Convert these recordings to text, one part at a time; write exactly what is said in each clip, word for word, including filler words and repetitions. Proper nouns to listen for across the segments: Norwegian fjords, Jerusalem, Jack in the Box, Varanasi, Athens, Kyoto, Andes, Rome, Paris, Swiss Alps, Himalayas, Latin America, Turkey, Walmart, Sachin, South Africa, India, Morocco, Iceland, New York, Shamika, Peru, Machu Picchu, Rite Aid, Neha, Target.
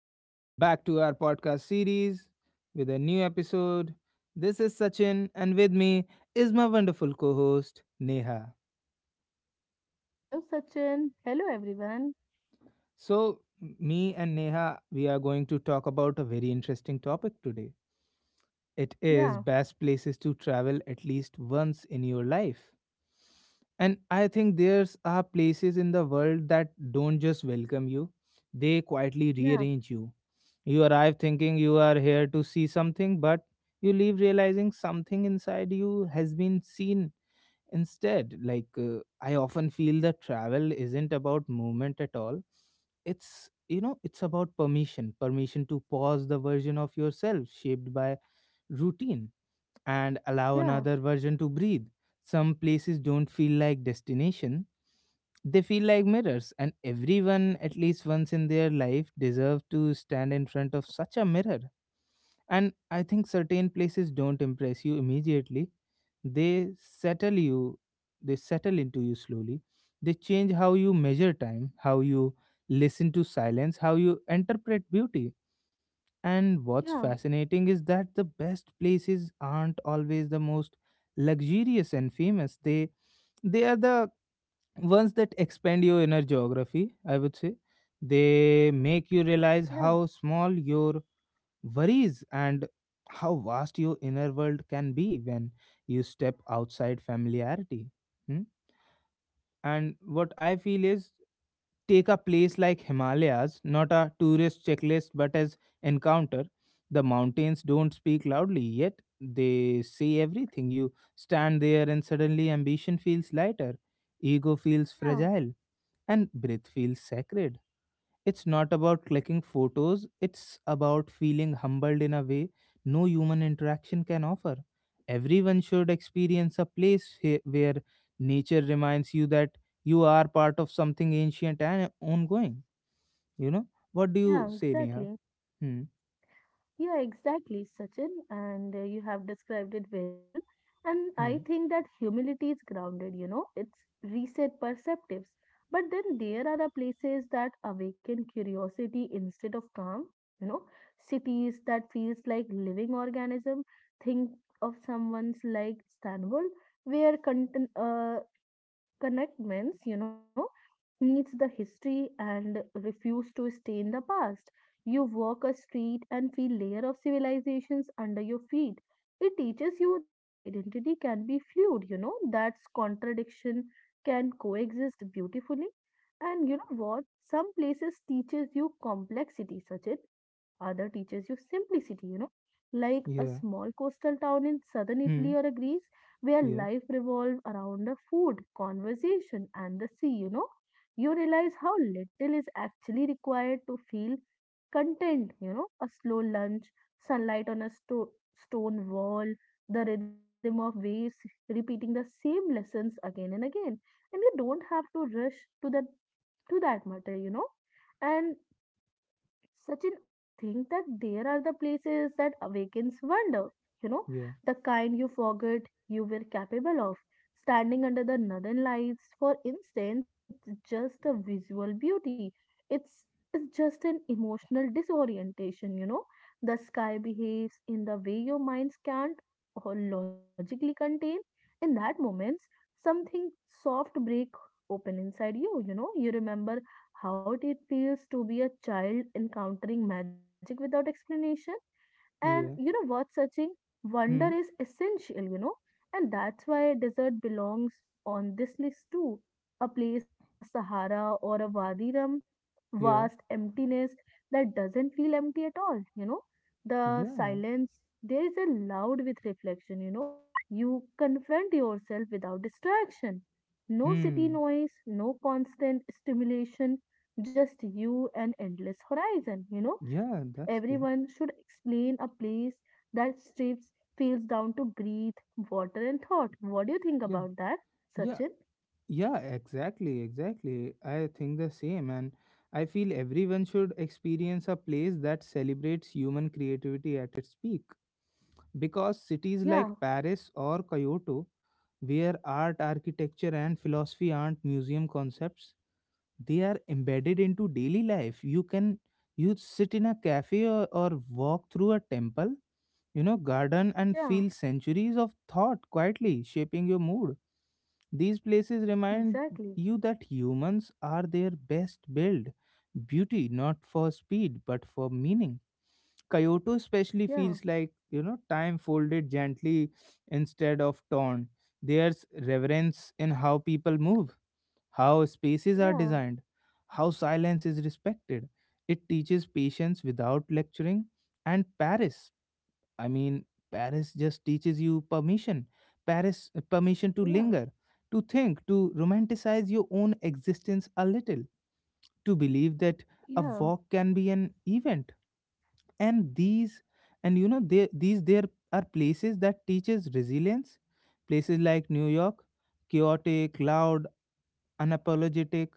Welcome back to our podcast series with a new episode. This is Sachin, and with me is my wonderful co host, Neha. Hello, Sachin. Hello, everyone. So, me and Neha, we are going to talk about a very interesting topic today. It is Yeah, best places to travel at least once in your life. And I think there's are places in the world that don't just welcome you, they quietly yeah, rearrange you. You arrive thinking you are here to see something, but you leave realizing something inside you has been seen instead. Like, uh, I often feel that travel isn't about movement at all. It's you know, it's about permission, permission to pause the version of yourself shaped by routine, and allow yeah, another version to breathe. Some places don't feel like destination, they feel like mirrors, and everyone at least once in their life deserve to stand in front of such a mirror. And I think certain places don't impress you immediately. They settle you, they settle into you slowly. They change how you measure time, how you listen to silence, how you interpret beauty. And what's yeah, fascinating is that the best places aren't always the most luxurious and famous. They they are the ones that expand your inner geography, I would say. They make you realize yeah, how small your worries and how vast your inner world can be when you step outside familiarity. Hmm? And what I feel is, take a place like Himalayas, not a tourist checklist but as encounter. The mountains don't speak loudly, yet they say everything. You stand there and suddenly ambition feels lighter, ego feels yeah, fragile, and breath feels sacred. It's not about clicking photos, it's about feeling humbled in a way no human interaction can offer. Everyone should experience a place he- where nature reminds you that you are part of something ancient and ongoing. You know? What do yeah, you say, Neha? exactly. Hmm, Yeah, exactly, Sachin. And uh, you have described it very well. And I hmm, think that humility is grounded, you know, it's reset perceptives. But then there are the places that awaken curiosity instead of calm, you know, cities that feels like living organism. Think of someone's like Istanbul, where content, uh, connectments, you know, needs the history and refuse to stay in the past. You walk a street and feel layer of civilizations under your feet. It teaches you that identity can be fluid, you know, that contradiction can coexist beautifully. And you know what? Some places teaches you complexity, such as other teaches you simplicity, you know. Like a yeah, small coastal town in southern Italy or hmm, a Greece where yeah, life revolves around the food, conversation, and the sea, you know, you realize how little is actually required to feel content, you know, a slow lunch, sunlight on a sto- stone wall, the rhythm of waves repeating the same lessons again and again. And you don't have to rush to that to that matter, you know. And Sachin, I think that there are the places that awakens wonder, you know, yeah, the kind you forgot you were capable of. Standing under the northern lights, for instance, it's just a visual beauty. It's it's just an emotional disorientation, you know. The sky behaves in the way your minds can't or logically contain. In that moment, something soft break open inside you, you know. You remember how it feels to be a child encountering magic without explanation. And you yeah, know what, Sachin? Wonder hmm, is essential, you know, and that's why desert belongs on this list too. A place like the Sahara or a Wadi Rum, yeah, vast emptiness that doesn't feel empty at all, you know. The yeah, silence, there is a loud with reflection, you know. You confront yourself without distraction. No city hmm, noise, no constant stimulation, just you and endless horizon, you know. yeah, that's Everyone there. should explain a place that strips feels down to breathe, water, and thought. What do you think Yeah, about that, yeah. Sachin? Yeah, exactly, exactly. I think the same, and I feel everyone should experience a place that celebrates human creativity at its peak. Because cities like Yeah, Paris or Kyoto, where art, architecture, and philosophy aren't museum concepts, they are embedded into daily life. You can you sit in a cafe or, or walk through a temple you know, garden and yeah, feel centuries of thought quietly shaping your mood. These places remind exactly. you that humans are their best built beauty, not for speed, but for meaning. Kyoto especially Yeah, feels like, you know, time folded gently instead of torn. There's reverence in how people move, how spaces are yeah, designed, how silence is respected. It teaches patience without lecturing. And Paris. I mean, Paris just teaches you permission. Paris, uh, permission to yeah, linger, to think, to romanticize your own existence a little, to believe that a yeah, walk can be an event. And these, and you know, there, these there are places that teaches resilience. Places like New York, chaotic, loud, unapologetic.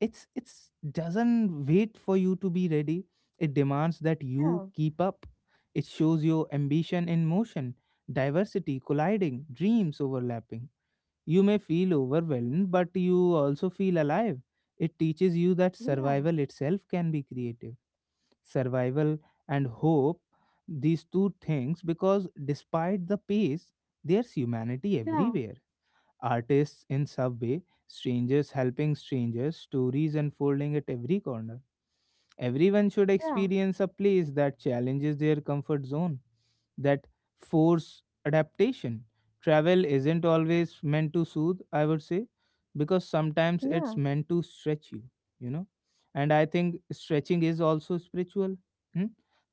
It's it's doesn't wait for you to be ready. It demands that yeah, you keep up. It shows your ambition in motion, diversity colliding, dreams overlapping. You may feel overwhelmed, but you also feel alive. It teaches you that yeah, survival itself can be creative. Survival and hope, these two things, because despite the pace, there's humanity yeah, everywhere. Artists in subway, strangers helping strangers, stories unfolding at every corner. Everyone should yeah, experience a place that challenges their comfort zone, that force adaptation. Travel isn't always meant to soothe, I would say, because sometimes it's yeah, meant to stretch you, you know. And I think stretching is also spiritual. Hmm?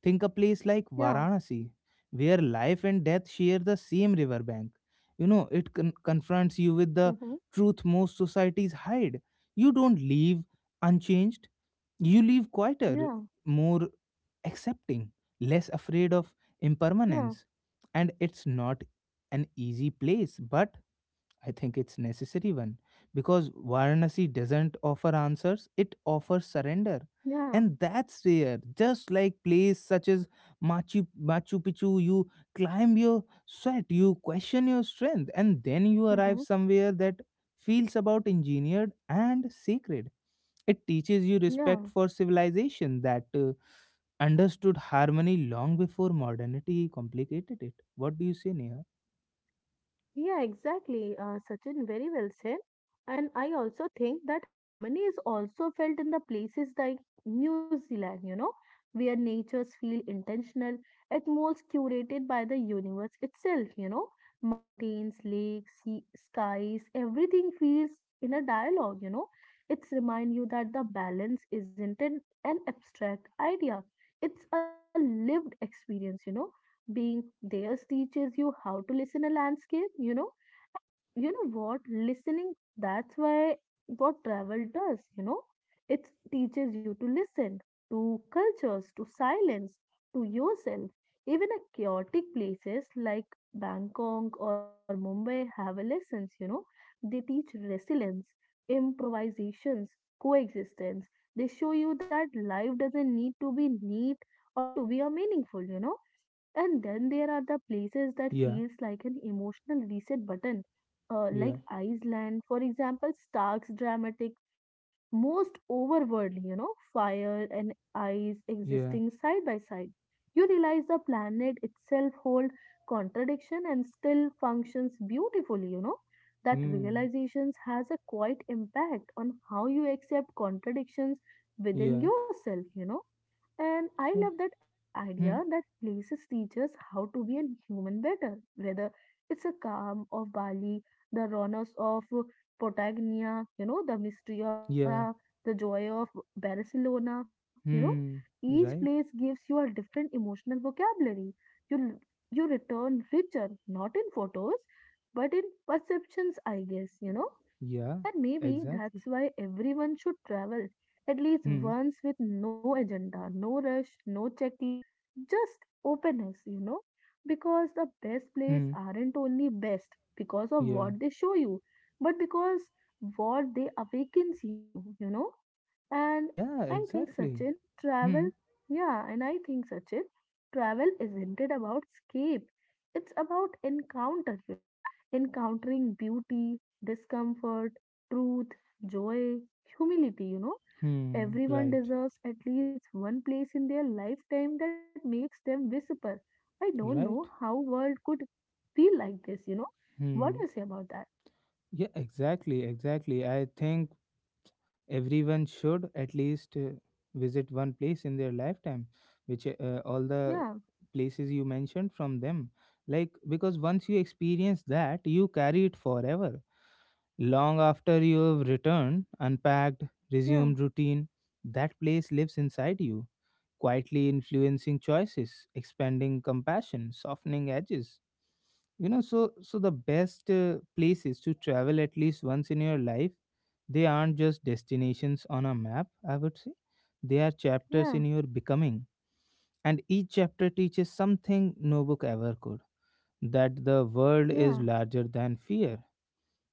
Think a place like yeah, Varanasi, where life and death share the same riverbank. You know, it con- confronts you with the mm-hmm. truth most societies hide. You don't leave unchanged. You live quieter, yeah, more accepting, less afraid of yeah, impermanence. And it's not an easy place, but I think it's necessary one, because Varanasi doesn't offer answers, it offers surrender. yeah, And that's rare. Just like place such as Machu, Machu Picchu, you climb your sweat, you question your strength, and then you arrive mm-hmm. somewhere that feels about engineered and sacred. It teaches you respect yeah. for civilization that uh, understood harmony long before modernity complicated it. What do you say, Neha? Yeah, exactly, uh, Sachin, very well said. And I also think that harmony is also felt in the places like New Zealand, you know, where natures feel intentional, atmospheres curated by the universe itself, you know, mountains, lakes, sea, skies, everything feels in a dialogue, you know. It's remind you that the balance isn't an, an abstract idea. It's a lived experience, you know, being there teaches you how to listen a landscape, you know. You know what, listening, that's why what travel does, you know, it teaches you to listen to cultures, to silence, to yourself. Even a chaotic places like Bangkok or Mumbai have a lessons, you know, they teach resilience, improvisations, coexistence. They show you that life doesn't need to be neat or to be a meaningful, you know. And then there are the places that Yeah, feels like an emotional reset button, uh, like yeah, Iceland, for example, Stark's dramatic, most overworldly, you know, fire and ice existing yeah, side by side. You realize the planet itself holds contradiction and still functions beautifully, you know. That hmm, realizations has a quite impact on how you accept contradictions within yeah, yourself, you know. And I love yeah, that idea that hmm, places teach us how to be a human better, whether it's a calm of Bali, the rawness of Patagonia, you know, the mystery of yeah, Petra, the joy of Barcelona, you know. hmm, Each place right, gives you a different emotional vocabulary. You, you return richer, not in photos, but in perceptions, I guess, you know. yeah, And maybe exactly, that's why everyone should travel at least hmm, once with no agenda, no rush, no checklist, just openness, you know? Because the best places hmm, aren't only best because of yeah, what they show you, but because what they awakens in you, you know? And yeah, I think exactly, Sachin, travel, hmm, yeah, and I think Sachin, travel isn't it about escape? It's about encounter, you know, encountering beauty, discomfort, truth, joy, humility, you know. hmm, Everyone right, deserves at least one place in their lifetime that makes them visible. I don't know right, how world could feel like this, you know. What do you hmm, say about that? yeah, exactly, exactly. I think everyone should at least uh, visit one place in their lifetime, which uh, all the Yeah, places you mentioned from them, like, because once you experience that, you carry it forever, long after you have returned, unpacked, yeah, resumed routine. That place lives inside you, quietly influencing choices, expanding compassion, softening edges you know so so the best uh, places to travel at least once in your life, they aren't just destinations on a map, I would say. They are yeah, chapters in your becoming, and each chapter teaches something no book ever could: that the world yeah, is larger than fear,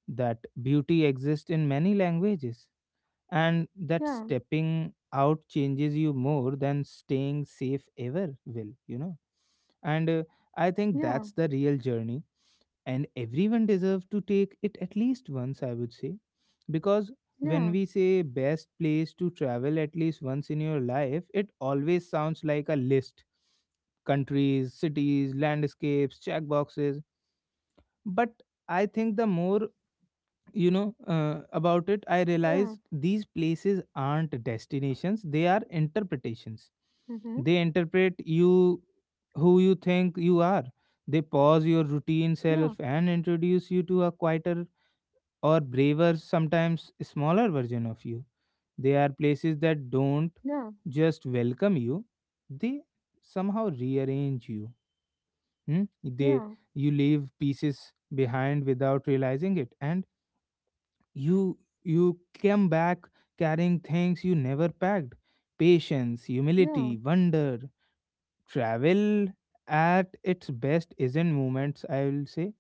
that beauty exists in many languages, and that yeah, stepping out changes you more than staying safe ever will you know And uh, I think yeah, that's the real journey, and everyone deserves to take it at least once, I would say. Because when yeah, we say best place to travel at least once in your life, it always sounds like a list: countries, cities, landscapes, check boxes. But I think, the more you know uh, about it, I yeah, realize these places aren't destinations, they are interpretations. mm-hmm, They interpret you, who you think you are. They pause your routine yeah, self and introduce you to a quieter, or braver, sometimes smaller version of you. They are places that yeah, don't just welcome you, they somehow rearrange you. Hmm? yeah, They You leave pieces behind without realizing it, and you you came back carrying things you never packed. Patience, yeah, humility, wonder. Travel at its best isn't moments, I will say.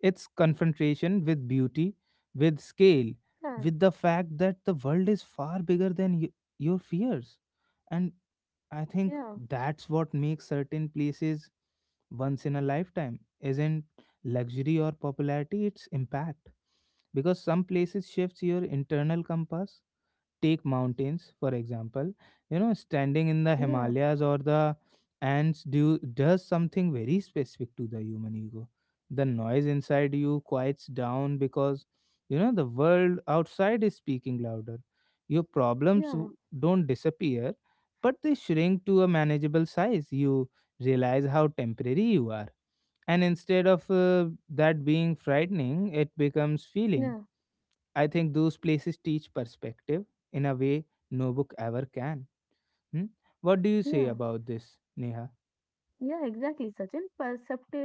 It's confrontation with beauty, with scale, with the fact that the world is far bigger than y- your fears. And I yeah, yeah, think yeah, that's what makes certain places once in a lifetime. Isn't luxury or popularity, it's impact. Because some places shifts your internal compass. Take mountains, for example. You know, standing in the Himalayas or the Andes do, does something very specific to the human ego. The noise inside you quiets down because, you know, the world outside is speaking louder. Your problems yeah, yeah, w- don't disappear, but they shrink to a manageable size. You realize how temporary you are. And instead of uh, that being frightening, it becomes feeling. yeah. I think those places teach perspective in a way no book ever can. Hmm? What do you yeah. say about this, Neha? Yeah, exactly, Sachin. Perceptives.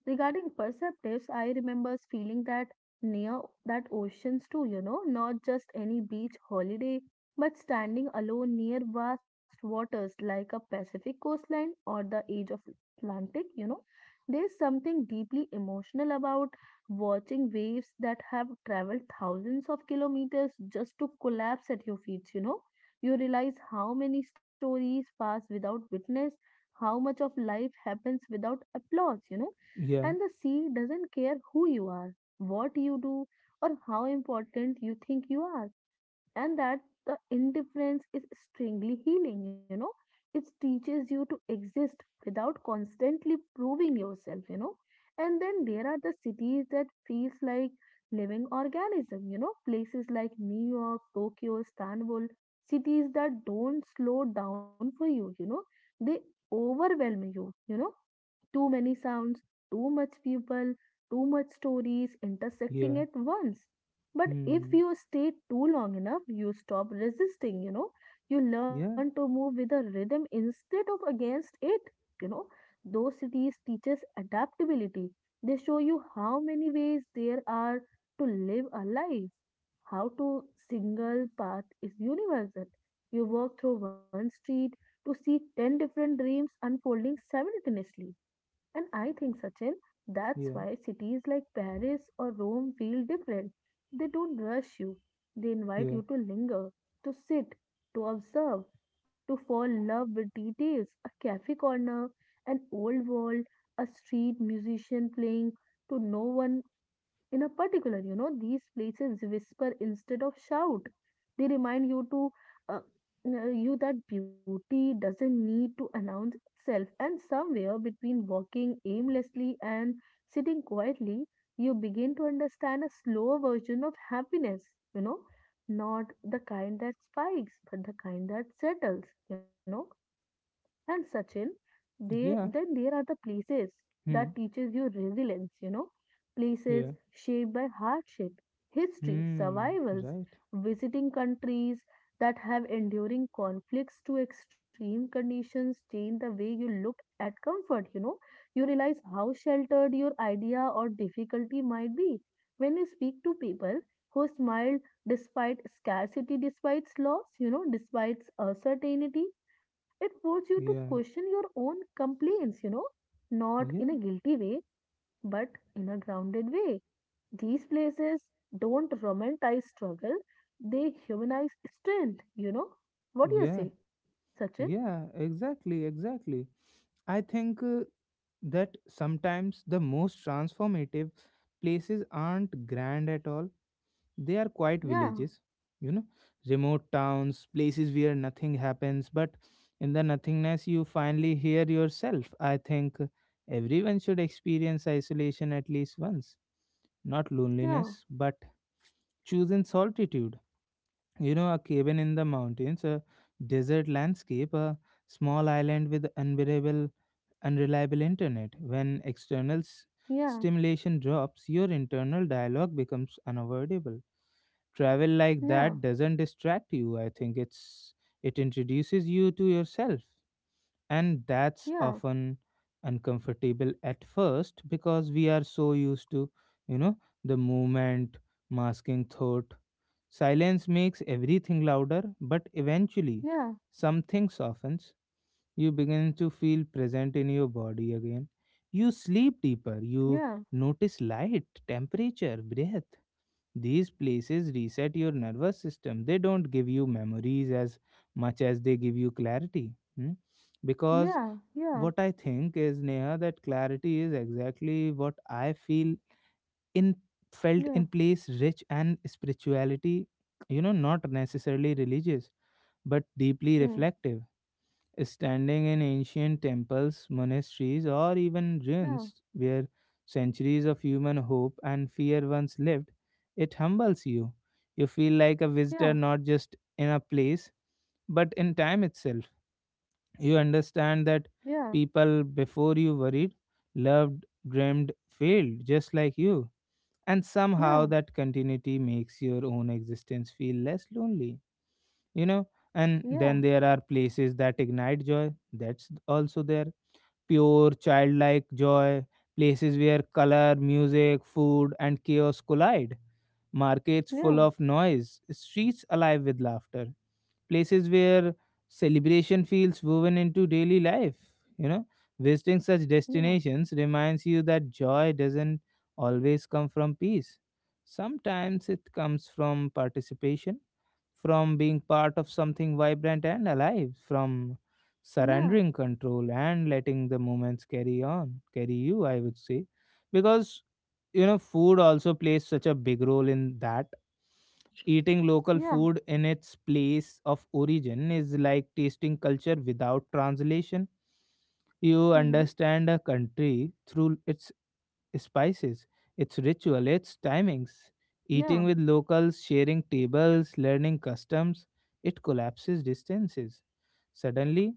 Regarding perceptives, I remembers feeling that near that oceans too, you know, not just any beach holiday, but standing alone near vast waters like a Pacific coastline or the edge of Atlantic, you know. There's something deeply emotional about watching waves that have traveled thousands of kilometers just to collapse at your feet, you know. You realize how many stories pass without witness, how much of life happens without applause, you know? Yeah, And the sea doesn't care who you are, what you do, or how important you think you are. And that the indifference is strangely healing, you know, it teaches you to exist without constantly proving yourself, you know. And then there are the cities that feels like living organism, you know, places like New York, Tokyo, Istanbul, cities that don't slow down for you, you know, they overwhelm you, you know, too many sounds, too much people, too much stories intersecting yeah, at once. But if hmm, you stay too long enough, you stop resisting, you know. You learn to yeah, move with a rhythm instead of against it, you know. Those cities teaches adaptability. They show you how many ways there are to live a life, how to single path is universal. You walk through one street to see ten different dreams unfolding simultaneously. And I think, Sachin, that's yeah, why cities like Paris or Rome feel different. They don't rush you, they invite yeah, you to linger, to sit, to observe, to fall in love with details, a cafe corner, an old wall, a street musician playing to no one in a particular, you know, these places whisper instead of shout. They remind you to uh, uh, you that beauty doesn't need to announce itself. And somewhere between walking aimlessly and sitting quietly, you begin to understand a slower version of happiness. You know, not the kind that spikes, but the kind that settles. You know. And Sachin, they, yeah, then there are the places that hmm, teaches you resilience, you know, places yeah, shaped by hardship, history, hmm, survivals, right, visiting countries that have enduring conflicts to extreme conditions change the way you look at comfort, you know. You realize how sheltered your idea or difficulty might be. When you speak to people who smiled despite scarcity, despite loss, you know, despite uncertainty, it forces you to question yeah, your own complaints, you know, not in a yeah, guilty way, but in a grounded way. These places don't romanticize struggle, they humanize strength, you know. What do you yeah, say, Sachin? yeah, exactly, exactly. I think uh, that sometimes the most transformative places aren't grand at all. They are quiet Yeah, villages, you know, remote towns, places where nothing happens, but in the nothingness you finally hear yourself. I think everyone should experience isolation at least once. Not loneliness, yeah, but choosing solitude. You know, a cabin in the mountains, a desert landscape, a small island with unbearable, unreliable internet. When external s- yeah, stimulation drops, your internal dialogue becomes unavoidable. Travel like yeah, that doesn't distract you, I think. It's it introduces you to yourself, and that's yeah, often uncomfortable at first, because we are so used to, you know, the movement masking thought. Silence makes everything louder, but eventually something softens. You begin to feel present in your body again. You sleep deeper, yeah, yeah, you notice light, temperature, breath. These places reset your nervous system. They don't give you memories as much as they give you clarity. Hmm? Because yeah, yeah, what I think is, Neha, that clarity is exactly what I feel in felt in yeah, place rich and spirituality, you know, not necessarily religious, but deeply mm, reflective. Standing in ancient temples, monasteries, or even yeah, ruins where centuries of human hope and fear once lived, it humbles you. You feel like a visitor yeah, not just in a place, but in time itself. You understand that yeah, people before you worried, loved, dreamed, failed just like you. And somehow yeah, that continuity makes your own existence feel less lonely you know and then yeah, there are places that ignite joy, that's also there, pure childlike joy, places where color, music, food, and chaos collide, markets full yeah, of noise, streets alive with laughter, places where celebration feels woven into daily life you know Visiting such yeah, destinations reminds you that joy doesn't always come from peace, sometimes it comes from participation, from being part of something vibrant and alive, from surrendering yeah, control and letting the moments carry on, carry you, I would say. Because, you know, food also plays such a big role in that. Eating local yeah, food in its place of origin is like tasting culture without translation. You mhm, understand a country through its spices, its ritual, its timings. Eating yeah. with locals, sharing tables, learning customs, it collapses distances. Suddenly,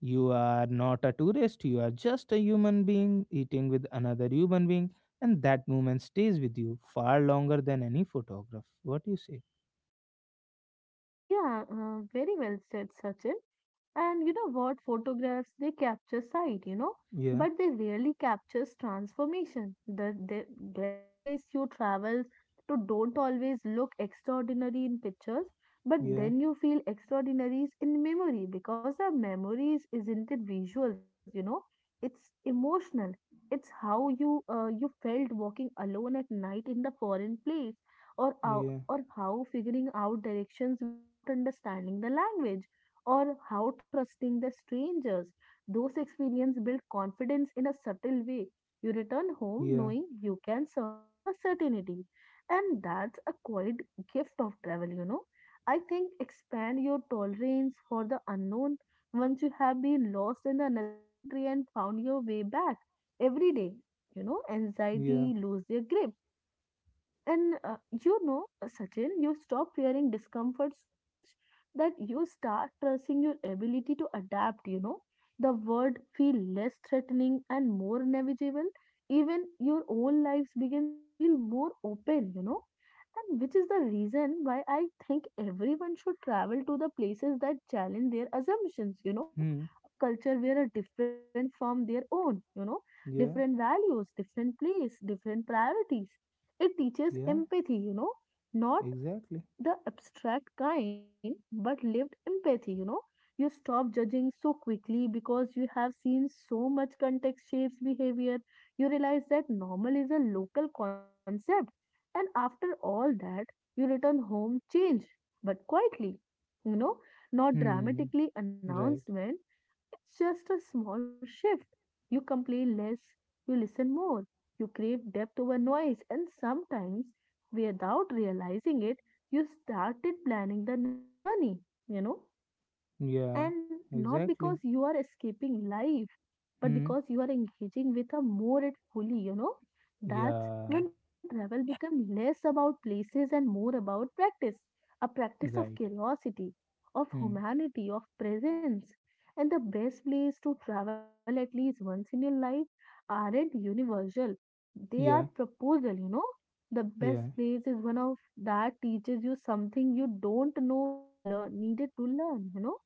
you are not a tourist, you are just a human being eating with another human being, and that moment stays with you far longer than any photograph. What do you say? Yeah, uh, very well said, Sachin. And you know what? Photographs, they capture sight, you know, Yeah, but they rarely captures transformation. The, the best place you travel to don't always look extraordinary in pictures, but yeah, then you feel extraordinaries in memory because the memories isn't it visuals, you know, it's emotional. It's how you uh, you felt walking alone at night in the foreign place or how, yeah, or how figuring out directions without understanding the language or how trusting the strangers, those experiences build confidence in a subtle way. You return home yeah, knowing you can survive a certainty, and that's a quiet gift of travel, you know. I think expand your tolerance for the unknown. Once you have been lost in another country and found your way back every day, you know, yeah, anxiety lose their grip. And uh, you know, Sachin, you stop fearing discomfort so much that you start trusting your ability to adapt, you know. The world feel less threatening and more navigable. Even your own lives begins to feel more open, you know. And which is the reason why I think everyone should travel to the places that challenge their assumptions, you know. hmm, A culture where are different from their own, you know, different yeah, values, different place, different priorities, it teaches yeah, empathy, you know, not exactly. the abstract kind, but lived empathy, you know. You stop judging so quickly because you have seen so much context shapes behavior. You realize that normal is a local concept. And after all that, you return home change, but quietly, you know, not Hmm. dramatically Right. announcement, it's just a small shift. You complain less, you listen more, you crave depth over noise, and sometimes, without realizing it, you started planning the next journey, you know, Yeah. and not because Exactly. you are escaping life but Hmm. because you are engaging with a more it fully, you know, that's Yeah. when travel becomes less about places and more about practice. A practice of Right. curiosity, of Hmm. humanity, of presence. And the best place to travel at least once in your life aren't universal. They are Yeah. proposal, you know. The best Yeah. place is one of that teaches you something you don't know you learn needed to learn, you know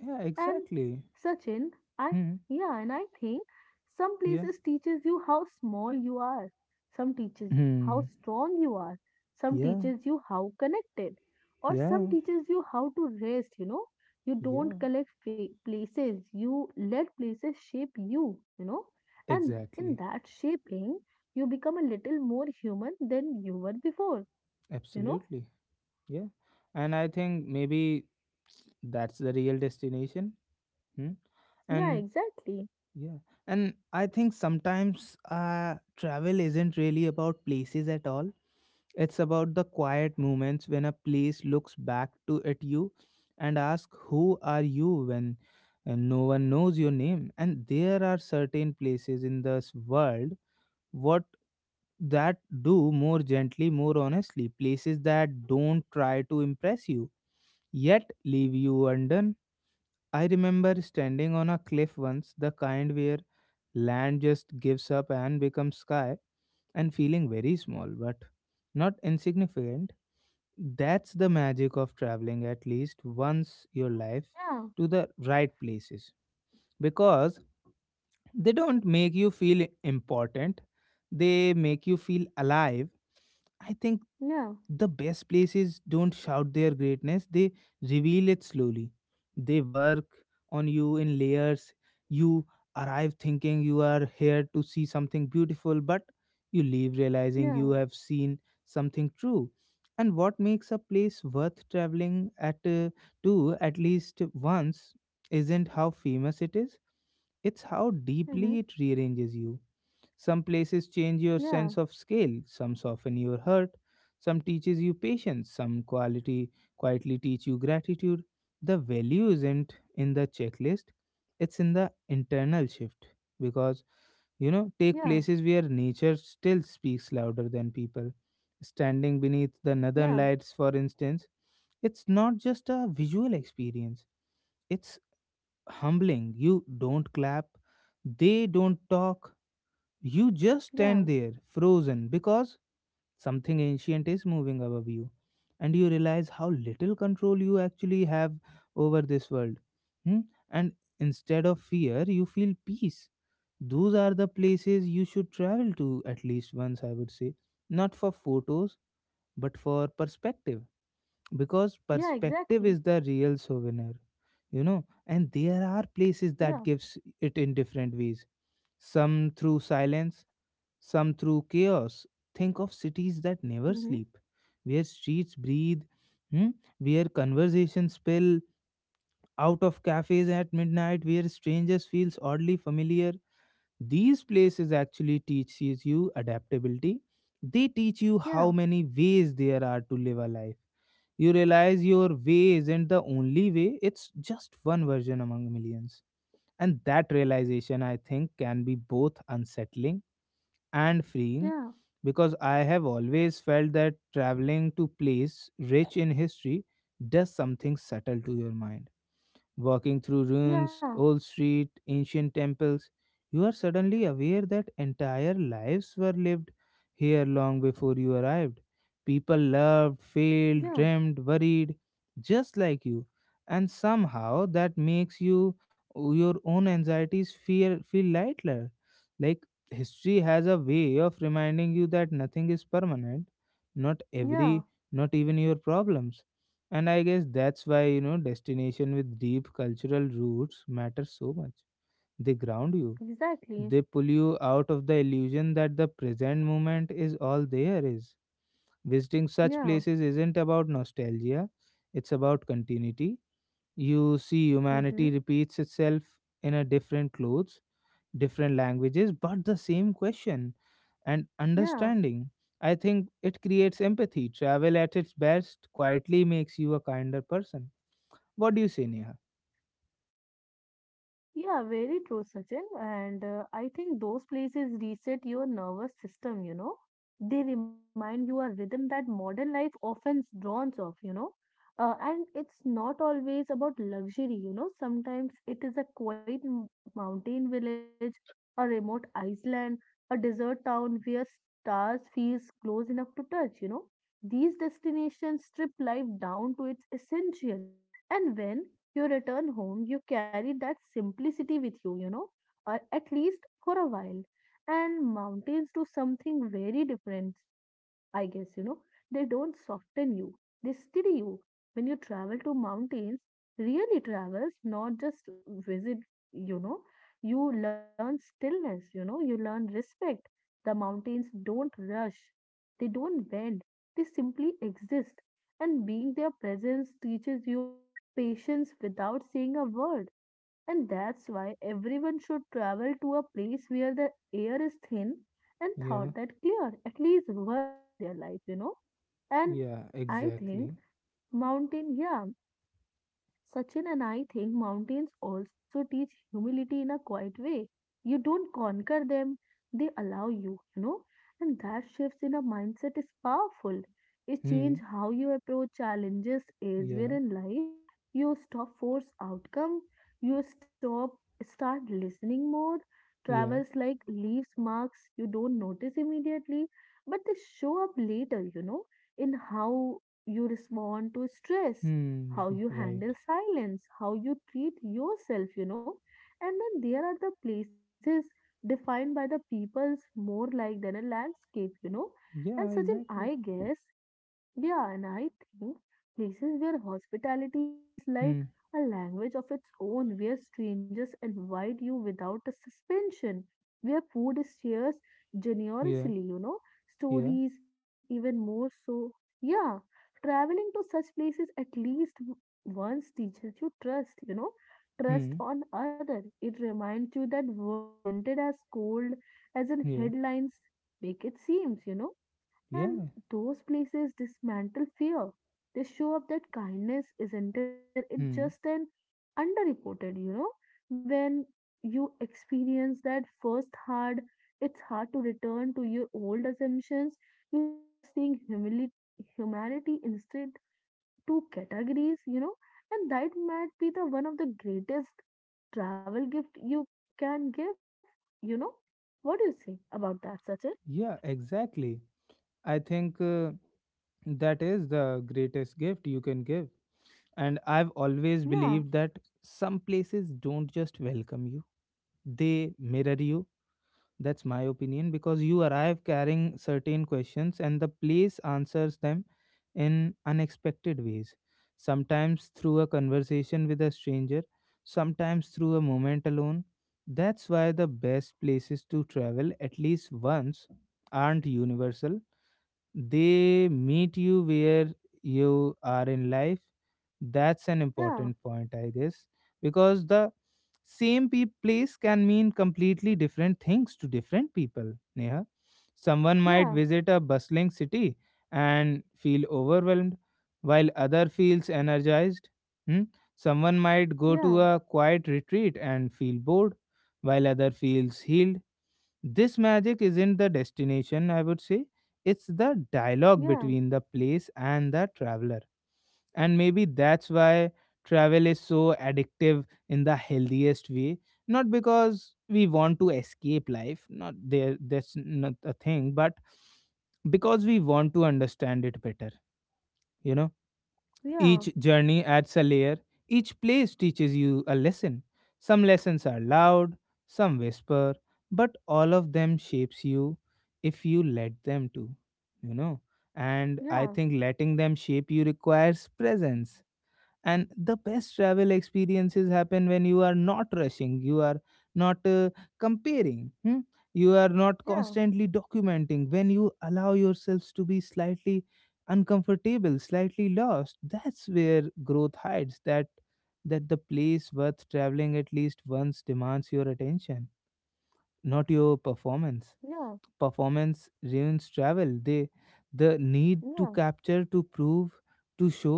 Yeah. And Exactly. Sachin, I Hmm. yeah, and I think some Yeah. places teaches you how small you are. Some teaches you how Hmm. strong you are. Some Yeah. teaches you how connected. Or Yeah. some teaches you how to rest, you know. You Yeah. don't collect fa- places. You let places shape you, you know. And in Exactly. that shaping, you become a little more human than you were before, you know. Absolutely. Yeah. And I think maybe that's the real destination. Hmm. Yeah, And exactly. yeah. And I think sometimes uh, travel isn't really about places at all. It's about the quiet moments when a place looks back to at you and asks, who are you when uh, no one knows your name? And there are certain places in this world what that do more gently, more honestly, places that don't try to impress you yet leave you undone. I remember standing on a cliff once, the kind where land just gives up and becomes sky, and feeling very small but not insignificant. That's the magic of traveling at least once your life, Yeah, to the right places. Because they don't make you feel important, they make you feel alive. I think yeah, the best places don't shout their greatness, they reveal it slowly. They work on you in layers. You arrive thinking you are here to see something beautiful, but you leave realizing yeah. you have seen something true. And what makes a place worth traveling at uh, to at least once isn't how famous it is, it's how deeply Mm-hmm. it rearranges you. Some places change your sense Yeah, of scale, some soften your hurt, some teaches you patience, some quality quietly teach you gratitude. The value isn't in the checklist, it's in the internal shift. Because, you know, take yeah. places where nature still speaks louder than people. Standing beneath the northern Yeah, lights, for instance, it's not just a visual experience, it's humbling. You don't clap, they don't talk. You just stand yeah, there, frozen, because something ancient is moving above you. And you realize how little control you actually have over this world. Hmm? And instead of fear, you feel peace. Those are the places you should travel to at least once, I would say. Not for photos, but for perspective, because yeah, perspective is exactly. the real souvenir, you know. And there are places Yeah, that gives it in different ways, some through silence, some through chaos. Think of cities that never mm-hmm. sleep, where streets breathe, hmm, where conversations spill out of cafes at midnight, where strangers feels oddly familiar. These places actually teaches you adaptability, they teach you how Yeah, many ways there are to live a life. You realize your way isn't the only way, it's just one version among millions. And that realization, I think, can be both unsettling and freeing, yeah, because I have always felt that traveling to place rich in history does something subtle to your mind. Walking through ruins, yeah, old street, ancient temples, you are suddenly aware that entire lives were lived here long before you arrived. People loved, yeah, failed, dreamed, worried, just like you. And somehow that makes you your own anxieties fear feel lighter. Like history has a way of reminding you that nothing is permanent. Not every, yeah, not even your problems. And I guess that's why, you know, destination with deep cultural roots matter so much. They ground you. exactly. They pull you out of the illusion that the present moment is all there is. Visiting such Yeah, places isn't about nostalgia, it's about continuity. You see humanity mm-hmm. repeats itself in a different clothes, different languages, but the same question and Yeah. understanding. I think it creates empathy. Travel at its best quietly makes you a kinder person. What do you say, Neha? Yeah, very true, Sachin. And uh, I think those places reset your nervous system, you know. They remind you a rhythm that modern life often drowns off, you know. Uh, and it's not always about luxury, you know. Sometimes it is a quiet m- mountain village, a remote island, a desert town where stars feels close enough to touch, you know. These destinations strip life down to its essential. And when you return home, you carry that simplicity with you, you know, or at least for a while. And mountains do something very different, I guess, you know. They don't soften you, they steady you. When you travel to mountains, really travels, not just visit, you know, you learn stillness, you know, you learn respect. The mountains don't rush, they don't bend, they simply exist. And being their presence teaches you patience without saying a word. And that's why everyone should travel to a place where the air is thin and Yeah, thought that clear at least once in their life, you know. And yeah, I think exactly. mountain, yeah, Sachin, and I think mountains also teach humility in a quiet way, you don't conquer them, they allow you, you know. And that shifts in a mindset is powerful. It Hmm, changes how you approach challenges is where yeah, in life you stop force outcome, you stop start listening more. yeah, Travels like leaves marks you don't notice immediately, but they show up later, you know, in how you respond to stress, hmm, how you r- right. handle silence, how you treat yourself, you know. And then there are the places defined by the people's more like than a landscape, you know. And Yeah, Sachin, exactly. I guess yeah, and I think places where hospitality feels like Hmm, a language of its own, where strangers invite you without a suspension, where food is shared yeah, generously, you know, yeah, stories even more so. Yeah, traveling to such places at least w- once teaches you trust, you know, trust hmm, on other. It reminds you that word isn't it as cold as in yeah, headlines make it seems, you know and yeah, those places dismantle fear. They show up that kindness isn't it rare, it's hmm, just an underreported, you know. When you experience that first hard, it's hard to return to your old assumptions. You start seeing humili- humanity instead two categories, you know, and that might be the one of the greatest travel gift you can give, you know. What do you say about that, Sachin? yeah, exactly. I think uh, that is the greatest gift you can give. And I've always Yeah, believed that some places don't just welcome you, they mirror you. That's my opinion, because you arrive carrying certain questions and the place answers them in unexpected ways. Sometimes through a conversation with a stranger, sometimes through a moment alone. That's why the best places to travel at least once aren't universal, they meet you where you are in life. That's an yeah, important point, I guess, because the same pe- place can mean completely different things to different people. Neha, someone might yeah, visit a bustling city and feel overwhelmed, while other feels energized. Hmm? Someone might go yeah. to a quiet retreat and feel bored, while other feels healed. This magic isn't the destination, I would say. It's the dialogue Yeah, between the place and the traveler. And maybe that's why travel is so addictive in the healthiest way. Not because we want to escape life, not there, that's not a thing, but because we want to understand it better, you know. yeah, Each journey adds a layer, each place teaches you a lesson. Some lessons are loud, some whisper, but all of them shapes you if you let them to, you know. And yeah, I think letting them shape you requires presence, and the best travel experiences happen when you are not rushing, you are not uh, comparing, hmm? You are not yeah, constantly documenting, when you allow yourselves to be slightly uncomfortable, slightly lost, that's where growth hides. That that the place worth traveling at least once demands your attention, not your performance. yeah, Performance ruins travel, they the need to yeah, capture, to prove, to show.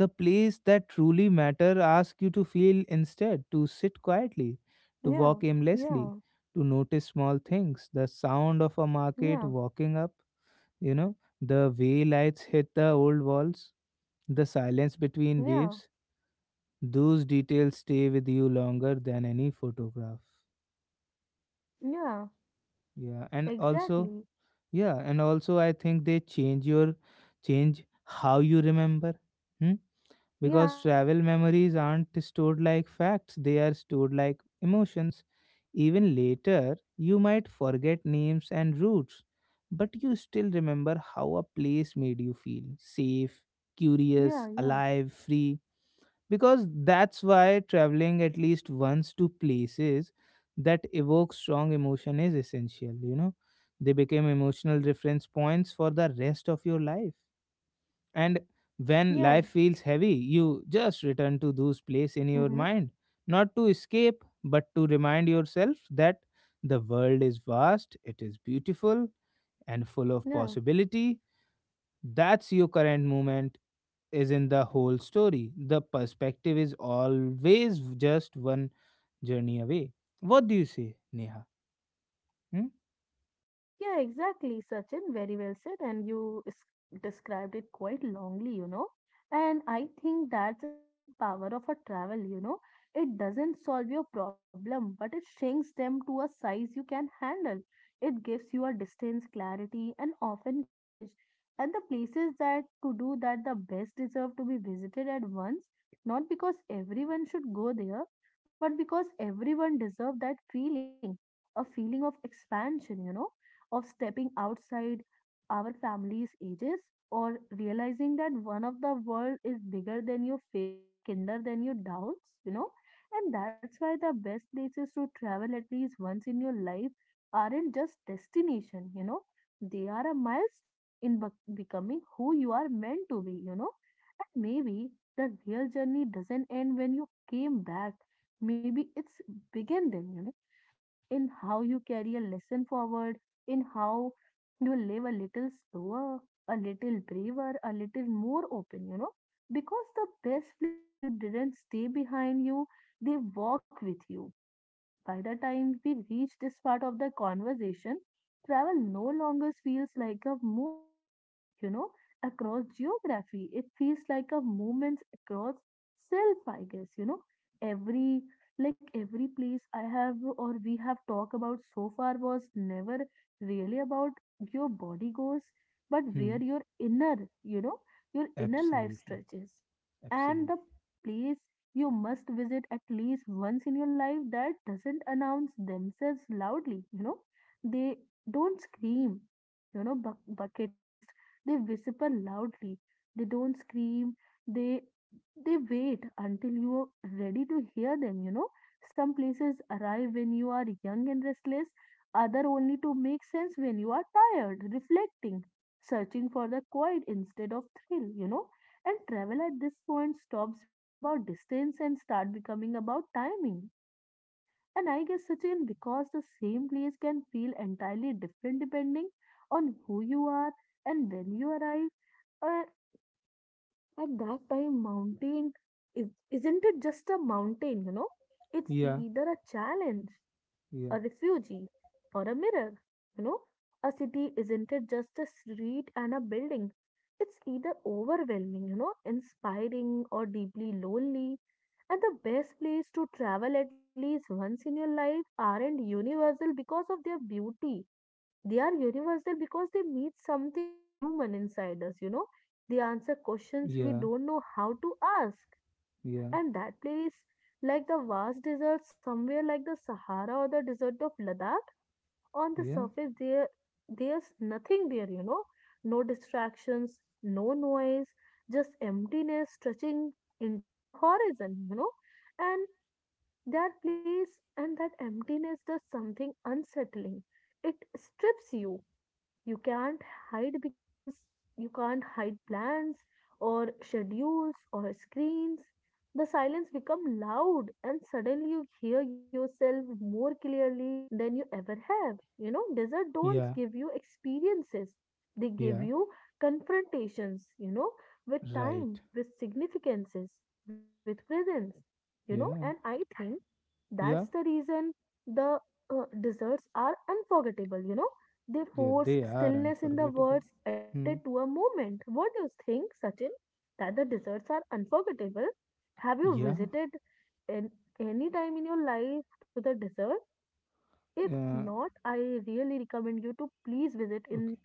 The place that truly matter ask you to feel instead, to sit quietly, to yeah, walk aimlessly, to notice small things, the sound of a yeah, market walking up, you know, the way lights hit the old walls, the silence yeah, between yeah, waves. Those details stay with you longer than any photograph. yeah, Yeah, and also exactly. yeah, and also I think they change your, change how you remember. Hmm? Because Yeah, travel memories aren't stored like facts, they are stored like emotions. Even later, you might forget names and routes, but you still remember how a place made you feel safe, yeah, curious, yeah, alive, free. Because that's why traveling at least once to places that evoke strong emotion is essential, you know. They became emotional reference points for the rest of your life. And when yeah, life feels heavy, you just return to those places in mm-hmm, your mind, not to escape, but to remind yourself that the world is vast, it is beautiful, and full of yeah. possibility. That's your current moment is in the whole story. The perspective is always just one journey away. What do you say, Neha? Hmm? Yeah, exactly, Sachin. Very well said. And you s- described it quite longly, you know. And I think that's a quite power of a travel, you know. It doesn't solve your problem, but it shrinks them to a size you can handle. It gives you a distance, clarity, and often courage. And the places that to do that the best deserve to be visited at once, not because everyone should go there, but because everyone deserves that feeling, a feeling of expansion, you know of stepping outside our family's ages or realizing that one of the world is bigger than your fear and kinder than your doubts, you know. And that's why the best places to travel at least once in your life aren't just destination, you know. They are a milestone in bec becoming who you are meant to be, you know. And maybe the real journey doesn't end when you came back. Maybe it's begin then, you know, in how you carry a lesson forward in how you live a little slower, a little braver, a little more open, you know, because the best plays you didn't stay behind you, they walk with you. By the time we reach this part of the conversation, travel no longer feels like a movement you know, across geography. It feels like a movement across self, I guess, you know, every like every place I have or we have talked about so far was never really about your body goes, but Hmm. where your inner, you know, your inner life Absolutely. stretches. And Absolutely. the place you must visit at least once in your life that doesn't announce themselves loudly, you know, they don't scream, you know, bu- bucket list, they whisper loudly. They don't scream. They they wait until you are ready to hear them, you know. Some places arrive when you are young and restless, other only to make sense when you are tired, reflecting, searching for the quiet instead of thrill, you know. And travel at this point stops being about distance and start becoming about timing. And I guess Sachin, because the same place can feel entirely different depending on who you are and when you arrive, uh, at that time, mountain is, isn't it just a mountain, you know? It's Yeah. either a challenge, a Yeah. refugee, or a mirror, you know? A city isn't it just a street and a building? It's either overwhelming, you know, inspiring or deeply lonely. And the best place to travel at least once in your life aren't universal because of their beauty. They are universal because they meet something human inside us, you know They answer questions we Yeah. don't know how to ask. Yeah. And that place, like the vast desert, somewhere like the Sahara or the desert of Ladakh, on the Yeah. surface, there, there's nothing there, you know. No distractions, no noise, just emptiness stretching into the horizon, you know. And that place and that emptiness does something unsettling. It strips you you can't hide because you can't hide plans or schedules or screens. The silence become loud and suddenly you hear yourself more clearly than you ever have. You know, desert don't Yeah. give you experiences. They give Yeah. you confrontations, you know, with time, Right. with significances, with presence, you know, and Yeah. I think that's the Yeah. reason the uh, desserts are unforgettable, you know. They Yeah. force They are stillness in the unforgettable. words, Hmm. addicted to a moment. What do you think, Sachin? That the desserts are unforgettable? Have you Yeah. visited in any time in your life to the desert? If not, Uh, I really recommend you to please visit in okay.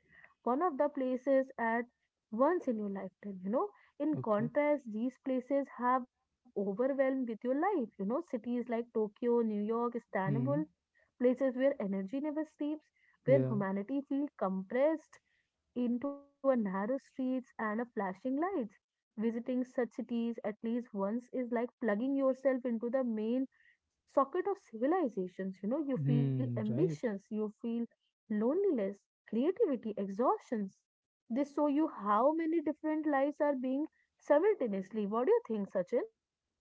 one of the places at once in your lifetime you know In Okay. contrast, these places have overwhelmed with your life you know Cities like Tokyo, New York, Istanbul, Hmm. places where energy never sleeps, where Yeah. humanity feels compressed into a narrow streets and a flashing lights. Visiting such cities at least once is like plugging yourself into the main socket of civilizations. You know, you feel Hmm. ambitions, Right. you feel loneliness, creativity, exhaustions. They show you how many different lives are being simultaneously. What do you think, Sachin?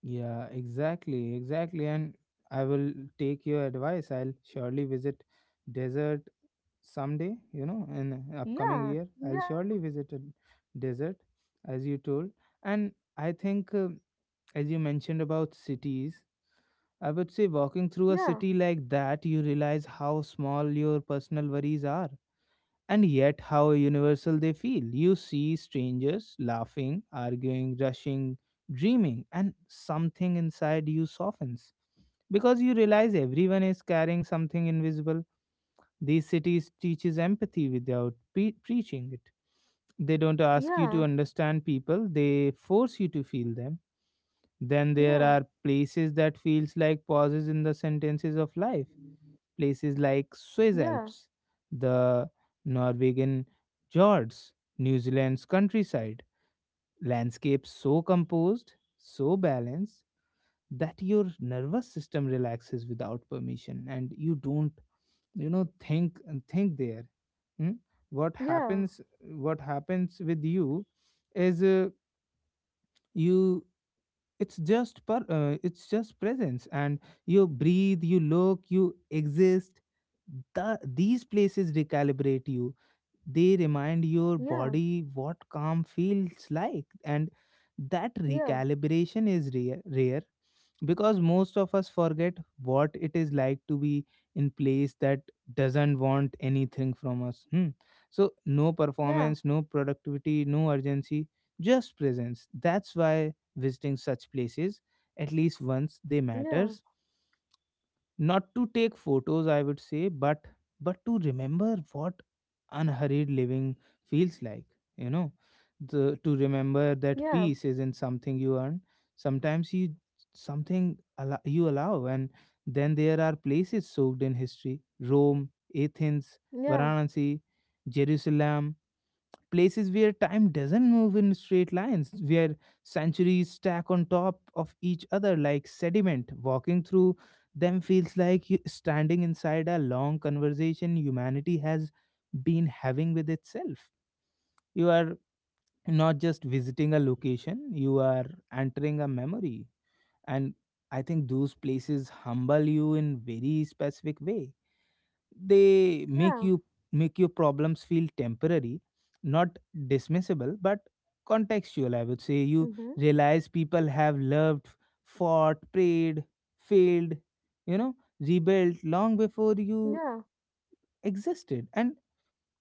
Yeah. Exactly. Exactly. And I will take your advice. I'll surely visit desert someday. You know, in upcoming Yeah, year, I'll yeah, surely visit a desert, as you told. And I think, uh, as you mentioned about cities. I would say walking through a yeah, city like that, you realize how small your personal worries are and yet how universal they feel. You see strangers laughing, arguing, rushing, dreaming, and something inside you softens because you realize everyone is carrying something invisible. These cities teaches empathy without pe- preaching it. They don't ask you yeah, to understand people, they force you to feel them. Then there yeah, are places that feels like pauses in the sentences of life, places like yeah, Swiss Alps, the Norwegian fjords, New Zealand's countryside. Landscapes so composed, so balanced that your nervous system relaxes without permission, and you don't you know think think there Hmm? what yeah, happens What happens with you is uh, you it's just per, uh, it's just presence, and you breathe, you look, you exist. The, these places recalibrate you, they remind your body what calm feels like, and that yeah, recalibration is rare, rare, because most of us forget what it is like to be in place that doesn't want anything from us, hmm. So no yeah, performance, no productivity, no urgency, just presence. That's why visiting such places at least once they yeah, matters, not to take photos, I would say, but but to remember what unhurried living feels like, you know, the, to remember yeah, that yeah, peace isn't something you earn, sometimes you something allow you allow. And then there are places soaked in history, Rome, Athens, yeah. Varanasi, Jerusalem, places where time doesn't move in straight lines, where centuries stack on top of each other like sediment. Walking through them feels like you standing inside a long conversation humanity has been having with itself. You are not just visiting a location, you are entering a memory. And I think those places humble you in very specific way, they Yeah. make you make your problems feel temporary, not dismissible but contextual, I would say. You Mm-hmm. realize people have loved, fought, prayed, failed, you know, rebuilt long before you Yeah, existed, and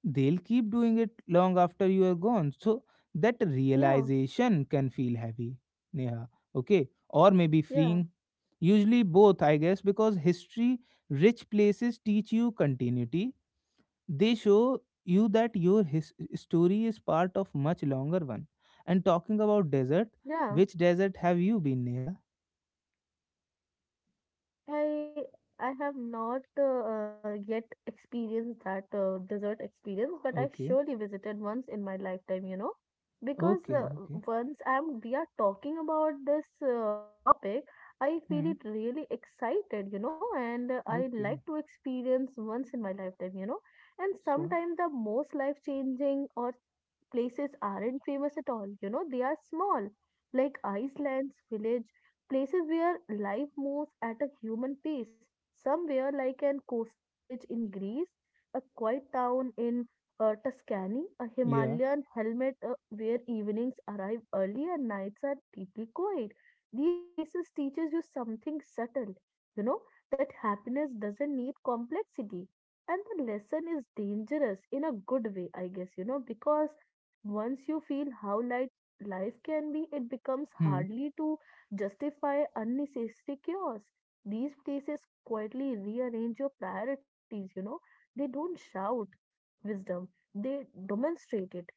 they'll keep doing it long after you are gone. So that yeah, realization can feel heavy, Neha. Okay, or maybe yeah, freeing. Usually both, I guess, because history rich places teach you continuity. They show you that your his- story is part of much longer one. And talking about desert, yeah. which desert have you been near? I I have not uh, uh, yet experienced that uh, desert experience, but I Okay, surely visited once in my lifetime, you know, because okay, uh, okay. once I'm we are talking about this uh, topic, I feel Hmm. it really excited, you know, and uh, I like Okay. to experience once in my lifetime, you know, and Sure. sometimes the most life-changing or places aren't famous at all. You know, they are small, like Iceland's village, places where life moves at a human pace. Somewhere like an coastal village in Greece, a quiet town in uh, Tuscany, a Yeah. Himalayan helmet uh, where evenings arrive early and nights are deeply quiet. These places teaches you something subtle, you know, that happiness doesn't need complexity and the lesson is dangerous in a good way, I guess you know because once you feel how light life can be, it becomes Hmm. hardly to justify unnecessary chaos. These places quietly rearrange your priorities, you know. They don't shout wisdom, they demonstrate it.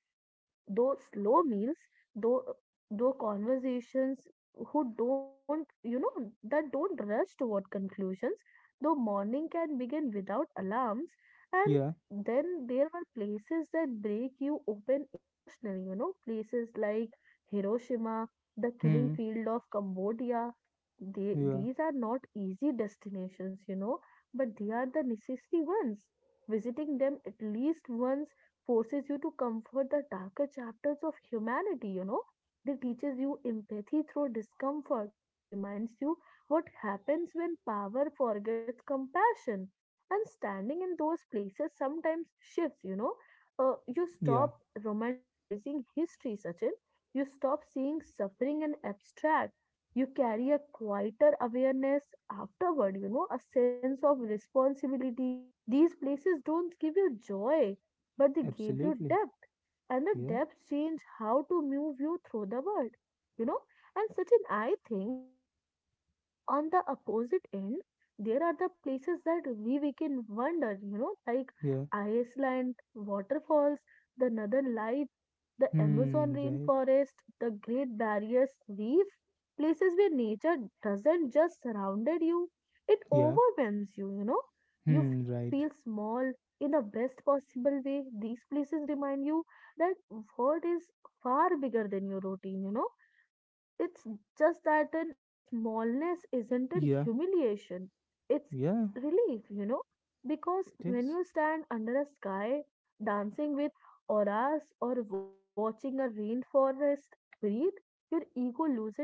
Though slow meals, though though conversations who don't you know that don't rush toward conclusions, though morning can begin without alarms, and Yeah. then there were places that break you open emotionally, you know, places like Hiroshima, the killing Hmm. field of Cambodia. They, Yeah. these are not easy destinations, you know, but they are the necessary ones. Visiting them at least once forces you to comfort the darker chapters of humanity, you know. They teaches you empathy through discomfort. They reminds you what happens when power forgets compassion. And standing in those places sometimes shifts, you know. Uh, you Yeah. stop romanticizing history, Sachin. You stop seeing suffering and abstract. You carry a quieter awareness afterward, you know, a sense of responsibility. These places don't give you joy but they gave you Absolutely. depth and the Yeah. depth changed how to move you through the world, you know. And certain, I think, on the opposite end, there are the places that we, we can wonder, you know, like Yeah. Iceland, waterfalls, the northern lights, the Amazon Hmm. Right. rainforest, the Great Barrier Reef, places where nature doesn't just surround you, it Yeah. overwhelms you, you know. You Hmm. feel Right. small in the best possible way. These places remind you that world is far bigger than your routine, you know, it's just that in smallness isn't a Yeah. humiliation, it's Yeah. relief, you know, because It when is. you stand under a sky dancing with auras or watching a rainforest breathe, your ego loses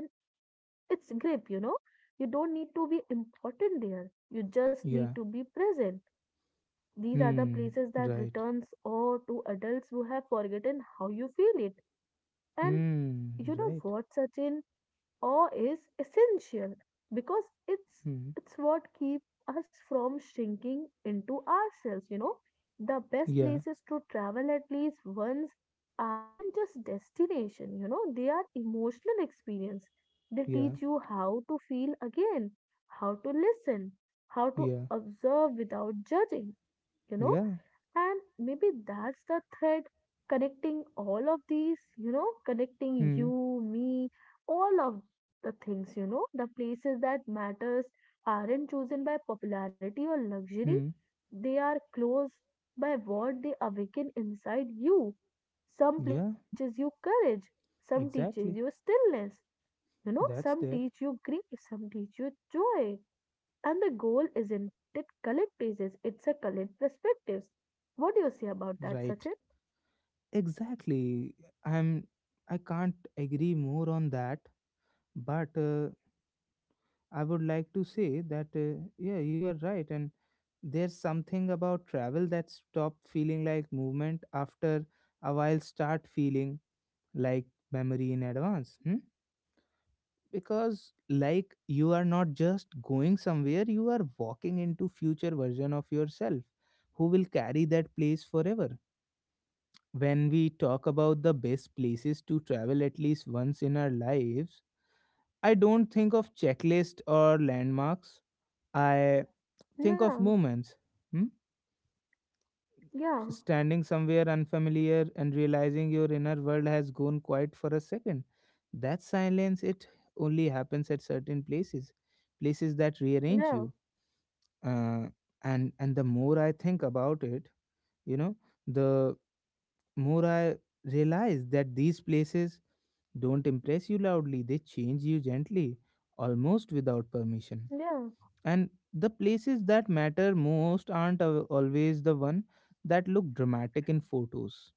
its grip, you know. You don't need to be important there, you just need Yeah. to be present. These are the places Hmm. that Right. returns or to adults who have forgotten how you feel it. And Hmm. you know Right. what, Sachin? Awe is essential because it's Hmm. it's what keeps us from shrinking into ourselves, you know. The best Yeah. places to travel at least once aren't just destination, you know, they are emotional experience. They Yeah. teach you how to feel again, how to listen, how to Yeah. observe without judging, you know. Yeah. And maybe that's the thread connecting all of these, you know, connecting Hmm. you, me, all of the things, you know. The places that matters aren't chosen by popularity or luxury, Hmm. they are closed by what they awaken inside you. Some place Yeah. teaches you courage, some teaches Exactly. you stillness, you know, That's some there. teach you grief, some teach you joy. And the goal isn't it collect pieces, it's a collect perspectives. What do you say about that, Sachin? Right. Exactly. I'm. I can't agree more on that. But uh, I would like to say that uh, yeah, you are right. And there's something about travel that stop feeling like movement after a while. Start feeling like memory in advance. Hmm? Because, like, you are not just going somewhere, you are walking into future version of yourself who will carry that place forever. When we talk about the best places to travel at least once in our lives, I don't think of checklist or landmarks. I think Yeah, of moments. Hmm? yeah, Standing somewhere unfamiliar and realizing your inner world has gone quiet for a second. That silence, it only happens at certain places, places that rearrange yeah, you. Uh, and and the more I think about it, you know, the more I realize that these places don't impress you loudly; they change you gently, almost without permission. yeah, And the places that matter most aren't al- always the one that look dramatic in photos.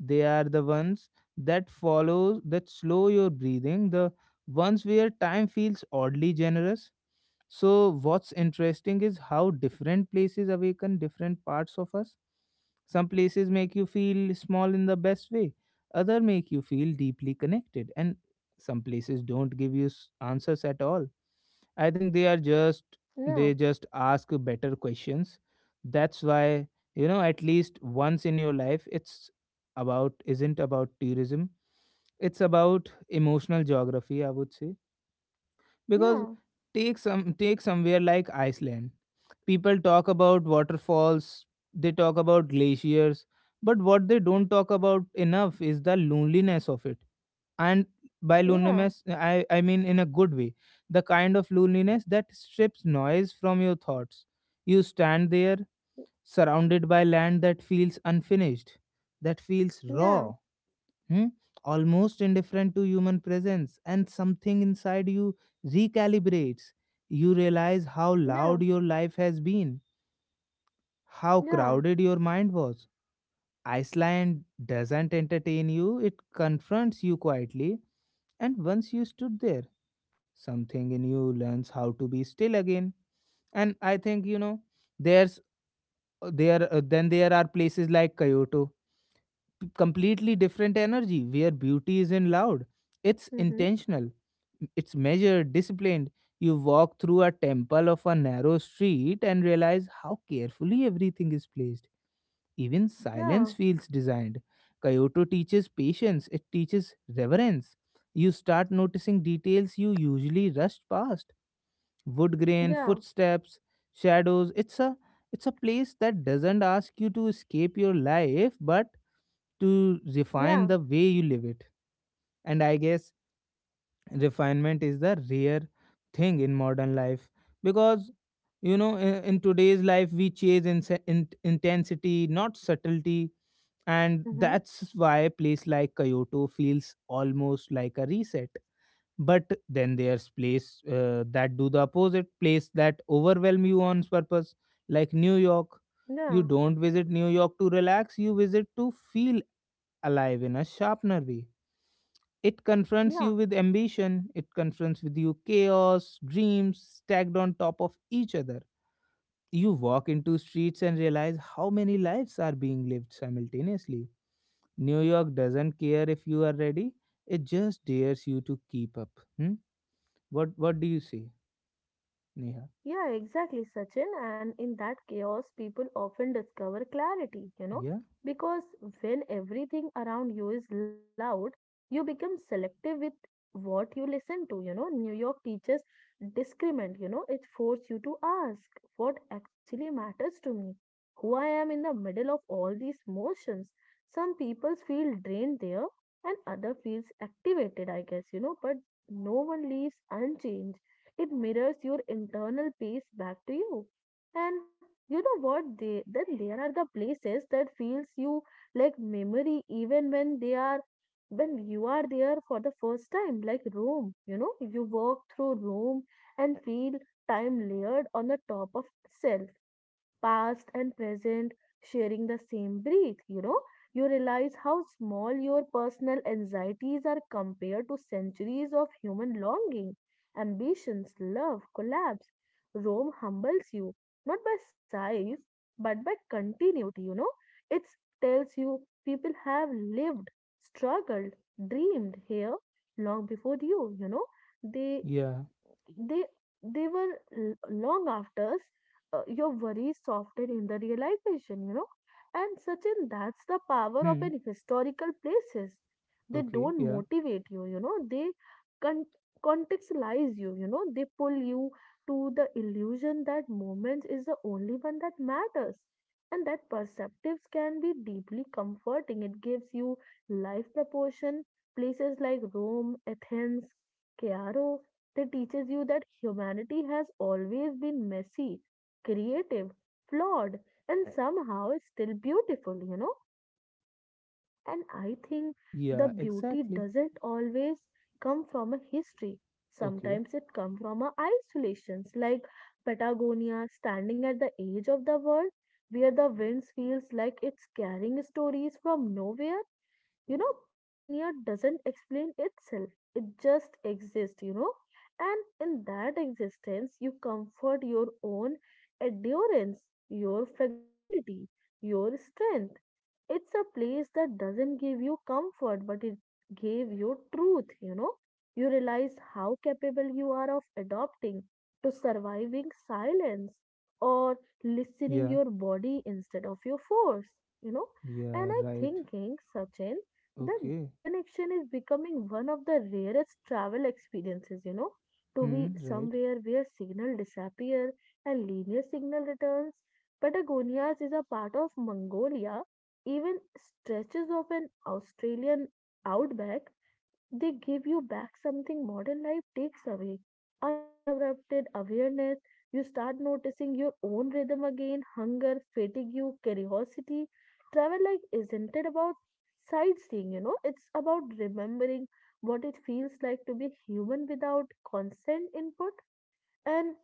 They are the ones that follow that slow your breathing, the ones where time feels oddly generous. So, what's interesting is how different places awaken different parts of us. Some places make you feel small in the best way, other make you feel deeply connected, and some places don't give you s- answers at all. I think they are just yeah, they just ask better questions. That's why, you know at least once in your life, it's about isn't about tourism. It's about emotional geography, I would say, because yeah, take some take somewhere like Iceland. People talk about waterfalls, they talk about glaciers, but what they don't talk about enough is the loneliness of it. And by yeah, loneliness, i i mean in a good way, the kind of loneliness that strips noise from your thoughts. You stand there, surrounded by land that feels unfinished, that feels yeah, raw, hmm, almost indifferent to human presence, and something inside you recalibrates. You realize how loud your life has been, how yeah, yeah, crowded your mind was. Iceland doesn't entertain you, it confronts you quietly, and once you stood there, something in you learns how to be still again. And I think, you know, there's uh, there uh, then there are places like Kyoto, p- completely different energy, where beauty isn't loud, it's mm-hmm, intentional, it's measured, disciplined. You walk through a temple of a narrow street and realize how carefully everything is placed. Even silence yeah, feels designed. Kyoto teaches patience, it teaches reverence. You start noticing details you usually rushed past: wood grain, yeah, footsteps, shadows. It's a it's a place that doesn't ask you to escape your life but to yeah, refine the way you live it. And I guess refinement is the rare thing in modern life, because, you know in, in today's life we chase in, in, intensity not subtlety. And mm-hmm, that's why a place like Kyoto feels almost like a reset. But then there's place uh, that do the opposite, place that overwhelm you on purpose, like New York. yeah, You don't visit New York to relax, you visit to feel alive in a sharpener way. It confronts you yeah. with ambition, it confronts with you chaos, dreams stacked on top of each other. You walk into streets and realize how many lives are being lived simultaneously. New York doesn't care if you are ready, it just dares you to keep up. Hmm? What what do you say, Neha? Yeah, exactly, Sachin. And in that chaos, people often discover clarity, you know, Yeah? because when everything around you is loud, you become selective with what you listen to. You know, New York teaches discernment, you know, it forces you to ask what actually matters to me, who I am in the middle of all these motions. Some people feel drained there, and other feels activated, I guess, you know, but no one leaves unchanged, it mirrors your internal peace back to you. And you know what? They then there are the places that feels you like memory even when they are when you are there for the first time, like Rome. You know, you walk through Rome and feel time layered on the top of itself, past and present sharing the same breath, you know. You realize how small your personal anxieties are compared to centuries of human longing, ambitions, love, collapse. Rome humbles you, not by size, but by continuity, you know. It tells you people have lived, struggled, dreamed here long before you, you know. They Yeah. they they were l- long afters uh, your worries softened in the realization, you know. And Sachin, that's the power of Hmm. an historical places. They Okay, don't yeah. motivate you, you know, they con- contextualize you, you know, they pull you to the illusion that moments is the only one that matters, and that perceptives can be deeply comforting. It gives you life proportion. Places like Rome, Athens, Cairo, they teaches you that humanity has always been messy, creative, flawed, and somehow still beautiful, you know. And I think the Yeah, beauty exactly. doesn't always come from a history. Okay. Sometimes it comes from a isolations, like Patagonia, standing at the edge of the world, where the winds feels like it's carrying stories from nowhere, you know. Patagonia doesn't explain itself, it just exists, you know. And in that existence, you comfort your own endurance, your fragility, your strength. It's a place that doesn't give you comfort, but it gave you truth, you know. You realize how capable you are of adopting, to surviving silence, or listening Yeah. your body instead of your force, you know. Yeah, And I right. thinking, Sachin, the Okay. disconnection is becoming one of the rarest travel experiences, you know, to Hmm, be right. somewhere where signal disappear and linear signal returns. Patagonia is a part of Mongolia, even stretches of an Australian outback, they give you back something modern life takes away, uninterrupted awareness. You start noticing your own rhythm again, hunger, fatigue, curiosity. Travel like isn't it about sightseeing, you know? It's about remembering what it feels like to be human without constant input. And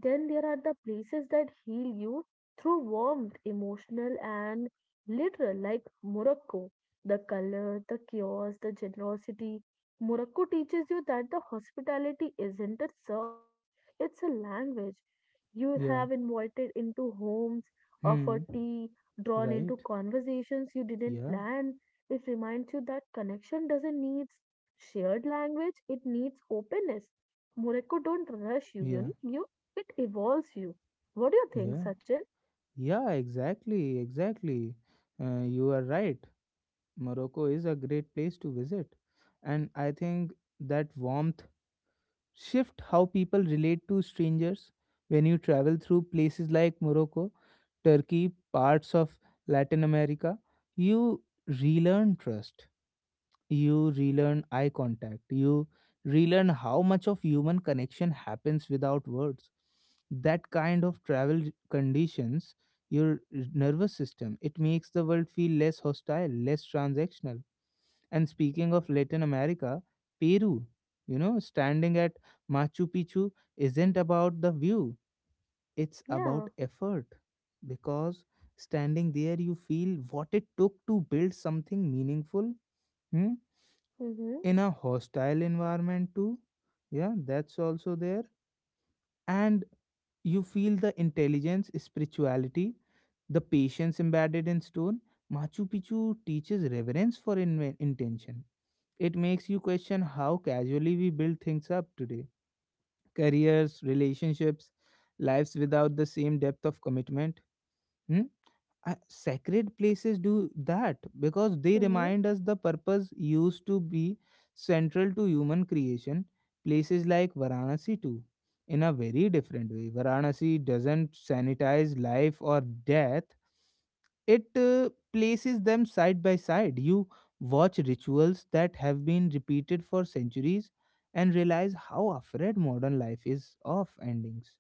then there are the places that heal you through warmth, emotional and literal, like Morocco. The color, the chaos, the generosity. Morocco teaches you that the hospitality isn't a service, it's a language. You Yeah. have invited into homes, Hmm. offered tea, drawn into Right? conversations you didn't Yeah, plan. It reminds you that connection doesn't need shared language, it needs openness. Morocco don't rush you, you yeah, know, you it evolves you. What do you think, yeah. Sachin? Yeah, exactly, exactly. Uh, you are right. Morocco is a great place to visit. And I think that warmth shift how people relate to strangers when you travel through places like Morocco, Turkey, parts of Latin America. You relearn trust. You relearn eye contact, you relearn how much of human connection happens without words. That kind of travel conditions your nervous system, it makes the world feel less hostile, less transactional. And speaking of Latin America, Peru, you know, standing at Machu Picchu isn't about the view, it's about Yeah. effort. Because standing there, you feel what it took to build something meaningful. Hmm? Mm-hmm. In a hostile environment too, yeah, that's also there. And you feel the intelligence, spirituality, the patience embedded in stone. Machu Picchu teaches reverence for inven- intention. It makes you question how casually we build things up today: careers, relationships, lives, without the same depth of commitment. Hmm? I- sacred places do that because they Mm-hmm. remind us the purpose used to be central to human creation. Places like Varanasi, too, in a very different way. Varanasi doesn't sanitize life or death, it uh, places them side by side. You watch rituals that have been repeated for centuries and realize how afraid modern life is of endings.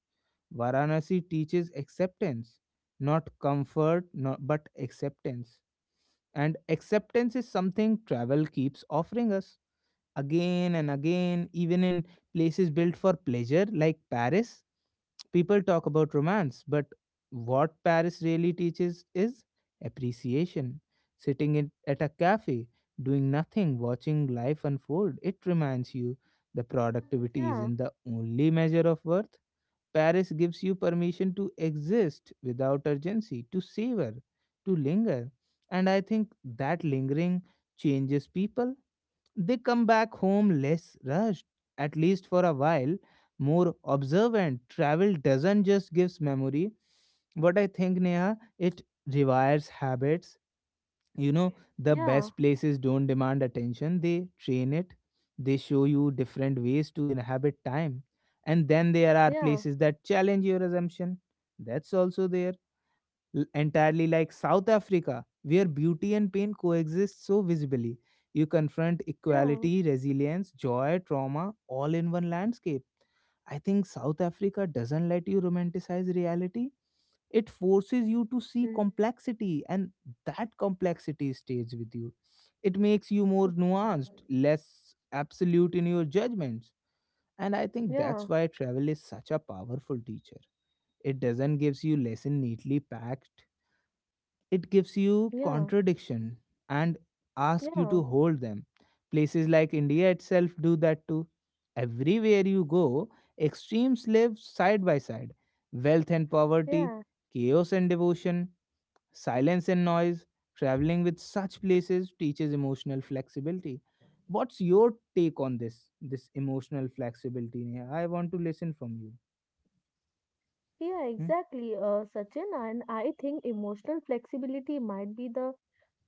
Varanasi teaches acceptance, not comfort, not, but acceptance. And acceptance is something travel keeps offering us again and again, even in places built for pleasure, like Paris. People talk about romance, but what Paris really teaches is appreciation. Sitting in, at a cafe, doing nothing, watching life unfold, it reminds you the productivity Yeah. isn't the only measure of worth. Paris gives you permission to exist without urgency, to savor, to linger. And I think that lingering changes people. They come back home less rushed, at least for a while, more observant. Travel doesn't just gives memory. What I think, Neha, it rewires habits. You know, the Yeah. best places don't demand attention, they train it. They show you different ways to inhabit time. And then there are Yeah. places that challenge your assumption, that's also there, L- entirely, like South Africa, where beauty and pain coexist so visibly. You confront Yeah. equality, resilience, joy, trauma, all in one landscape. I think South Africa doesn't let you romanticize reality, it forces you to see Mm-hmm. complexity, and that complexity stays with you. It makes you more nuanced, less absolute in your judgments. And I think Yeah, that's why travel is such a powerful teacher. It doesn't gives you lesson neatly packed, it gives you yeah, contradiction and ask you yeah, to hold them. Places like India itself do that too. Everywhere you go, extremes live side by side: wealth and poverty, yeah, chaos and devotion, silence and noise. Traveling with such places teaches emotional flexibility. What's your take on this? This emotional flexibility, Neha? I want to listen from you. yeah, Hmm? exactly, uh, Sachin. And I think emotional flexibility might be the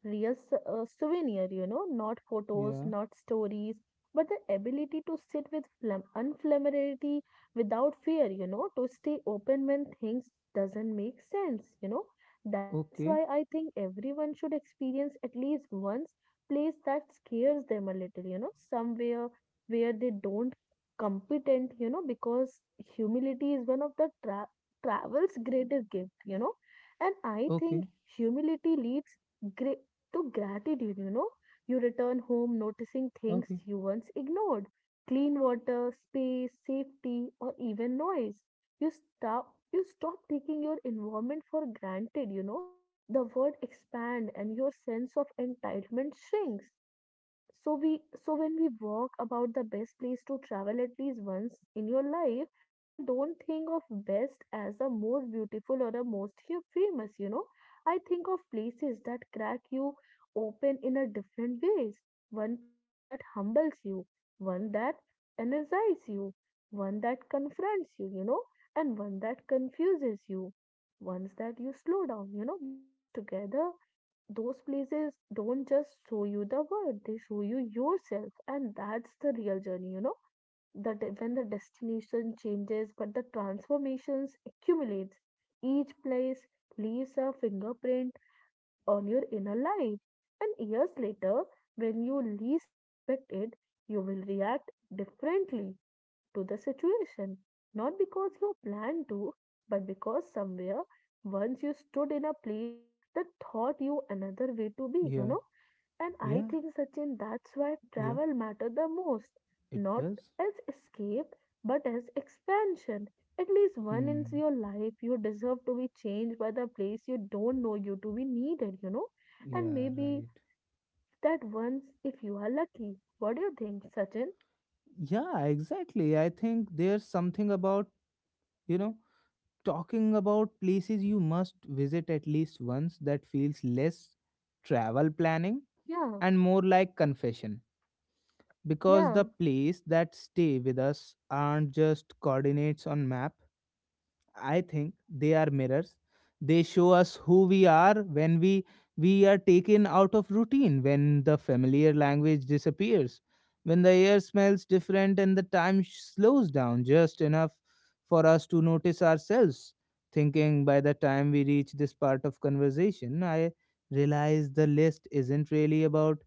real s- uh, souvenir, you know, not photos, Yeah. not stories, but the ability to sit with flam- unfamiliarity without fear, you know, to stay open when things doesn't make sense, you know. That's why Okay. I think everyone should experience at least once place that scares them a little, you know, somewhere where they don't competent, you know, because humility is one of the tra- travel's greatest gift, you know. And I think Okay. humility leads great to gratitude, you know. You return home noticing things Okay. you once ignored, clean water, space, safety, or even noise. You stop, you stop taking your environment for granted, you know. The world expands and your sense of entitlement shrinks. So we so when we walk about the best place to travel at least once in your life, I don't think of best as the most beautiful or the most hu- famous, you know. I think of places that crack you open in a different ways, one place that humbles you, one that energizes you, one that confronts you, you know, and one that confuses you, ones that you slow down, you know, because together those places don't just show you the world, they show you yourself. And that's the real journey, you know, that when the destination changes, but the transformations accumulates, each place leaves a fingerprint on your inner life. And years later, when you least expect it, you will react differently to the situation, not because you planned to, but because somewhere once you stood in a place that taught you another way to be, you Yeah. know. And I Yeah. think, Sachin, that's why Yeah. travel matters the most, It not does. as escape, but as expansion. At least one in Hmm. your life, you deserve to be changed by the place you don't know you to be needed, you know. And Yeah. maybe Right. that once, if you are lucky. What do you think, Sachin? Yeah. Exactly. I think there's something about you know talking about places you must visit at least once that feels less travel planning Yeah, and more like confession, because yeah, the place that stay with us aren't just coordinates on map. I think they are mirrors. They show us who we are when we we are taken out of routine, when the familiar language disappears, when the air smells different and the time sh- slows down just enough for us to notice ourselves. Thinking by the time we reach this part of conversation, I realize the list isn't really about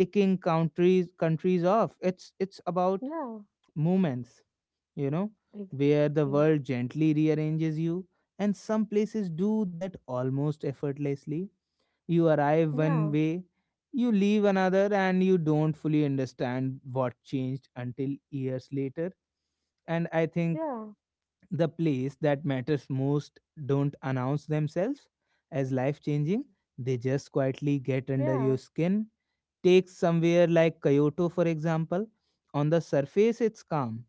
ticking countries countries off. It's it's about yeah. moments you know, where the Exactly. world gently rearranges you, and some places do that almost effortlessly. You arrive Yeah. one way, you leave another, and you don't fully understand what changed until years later. And I think Yeah. the place that matters most don't announce themselves as life changing, they just quietly get under Yeah. your skin. Take somewhere like Kyoto, for example. On the surface, it's calm,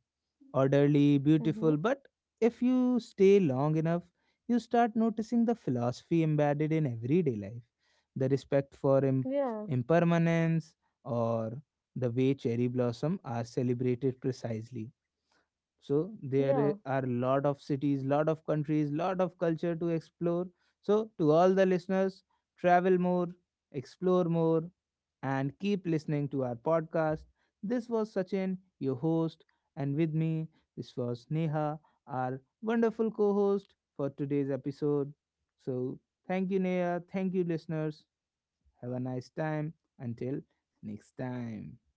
orderly, Mm-hmm. beautiful, but if you stay long enough, you start noticing the philosophy embedded in everyday life, the respect for Im- Yeah. impermanence, or the way cherry blossom are celebrated precisely. So Yeah. there are a lot of cities, lot of countries, lot of culture to explore. So to all the listeners, travel more, explore more, and keep listening to our podcast. This was Sachin, your host, and with me, this was Neha, our wonderful co-host for today's episode. So, thank you, Neha. Thank you, listeners. Have a nice time until next time.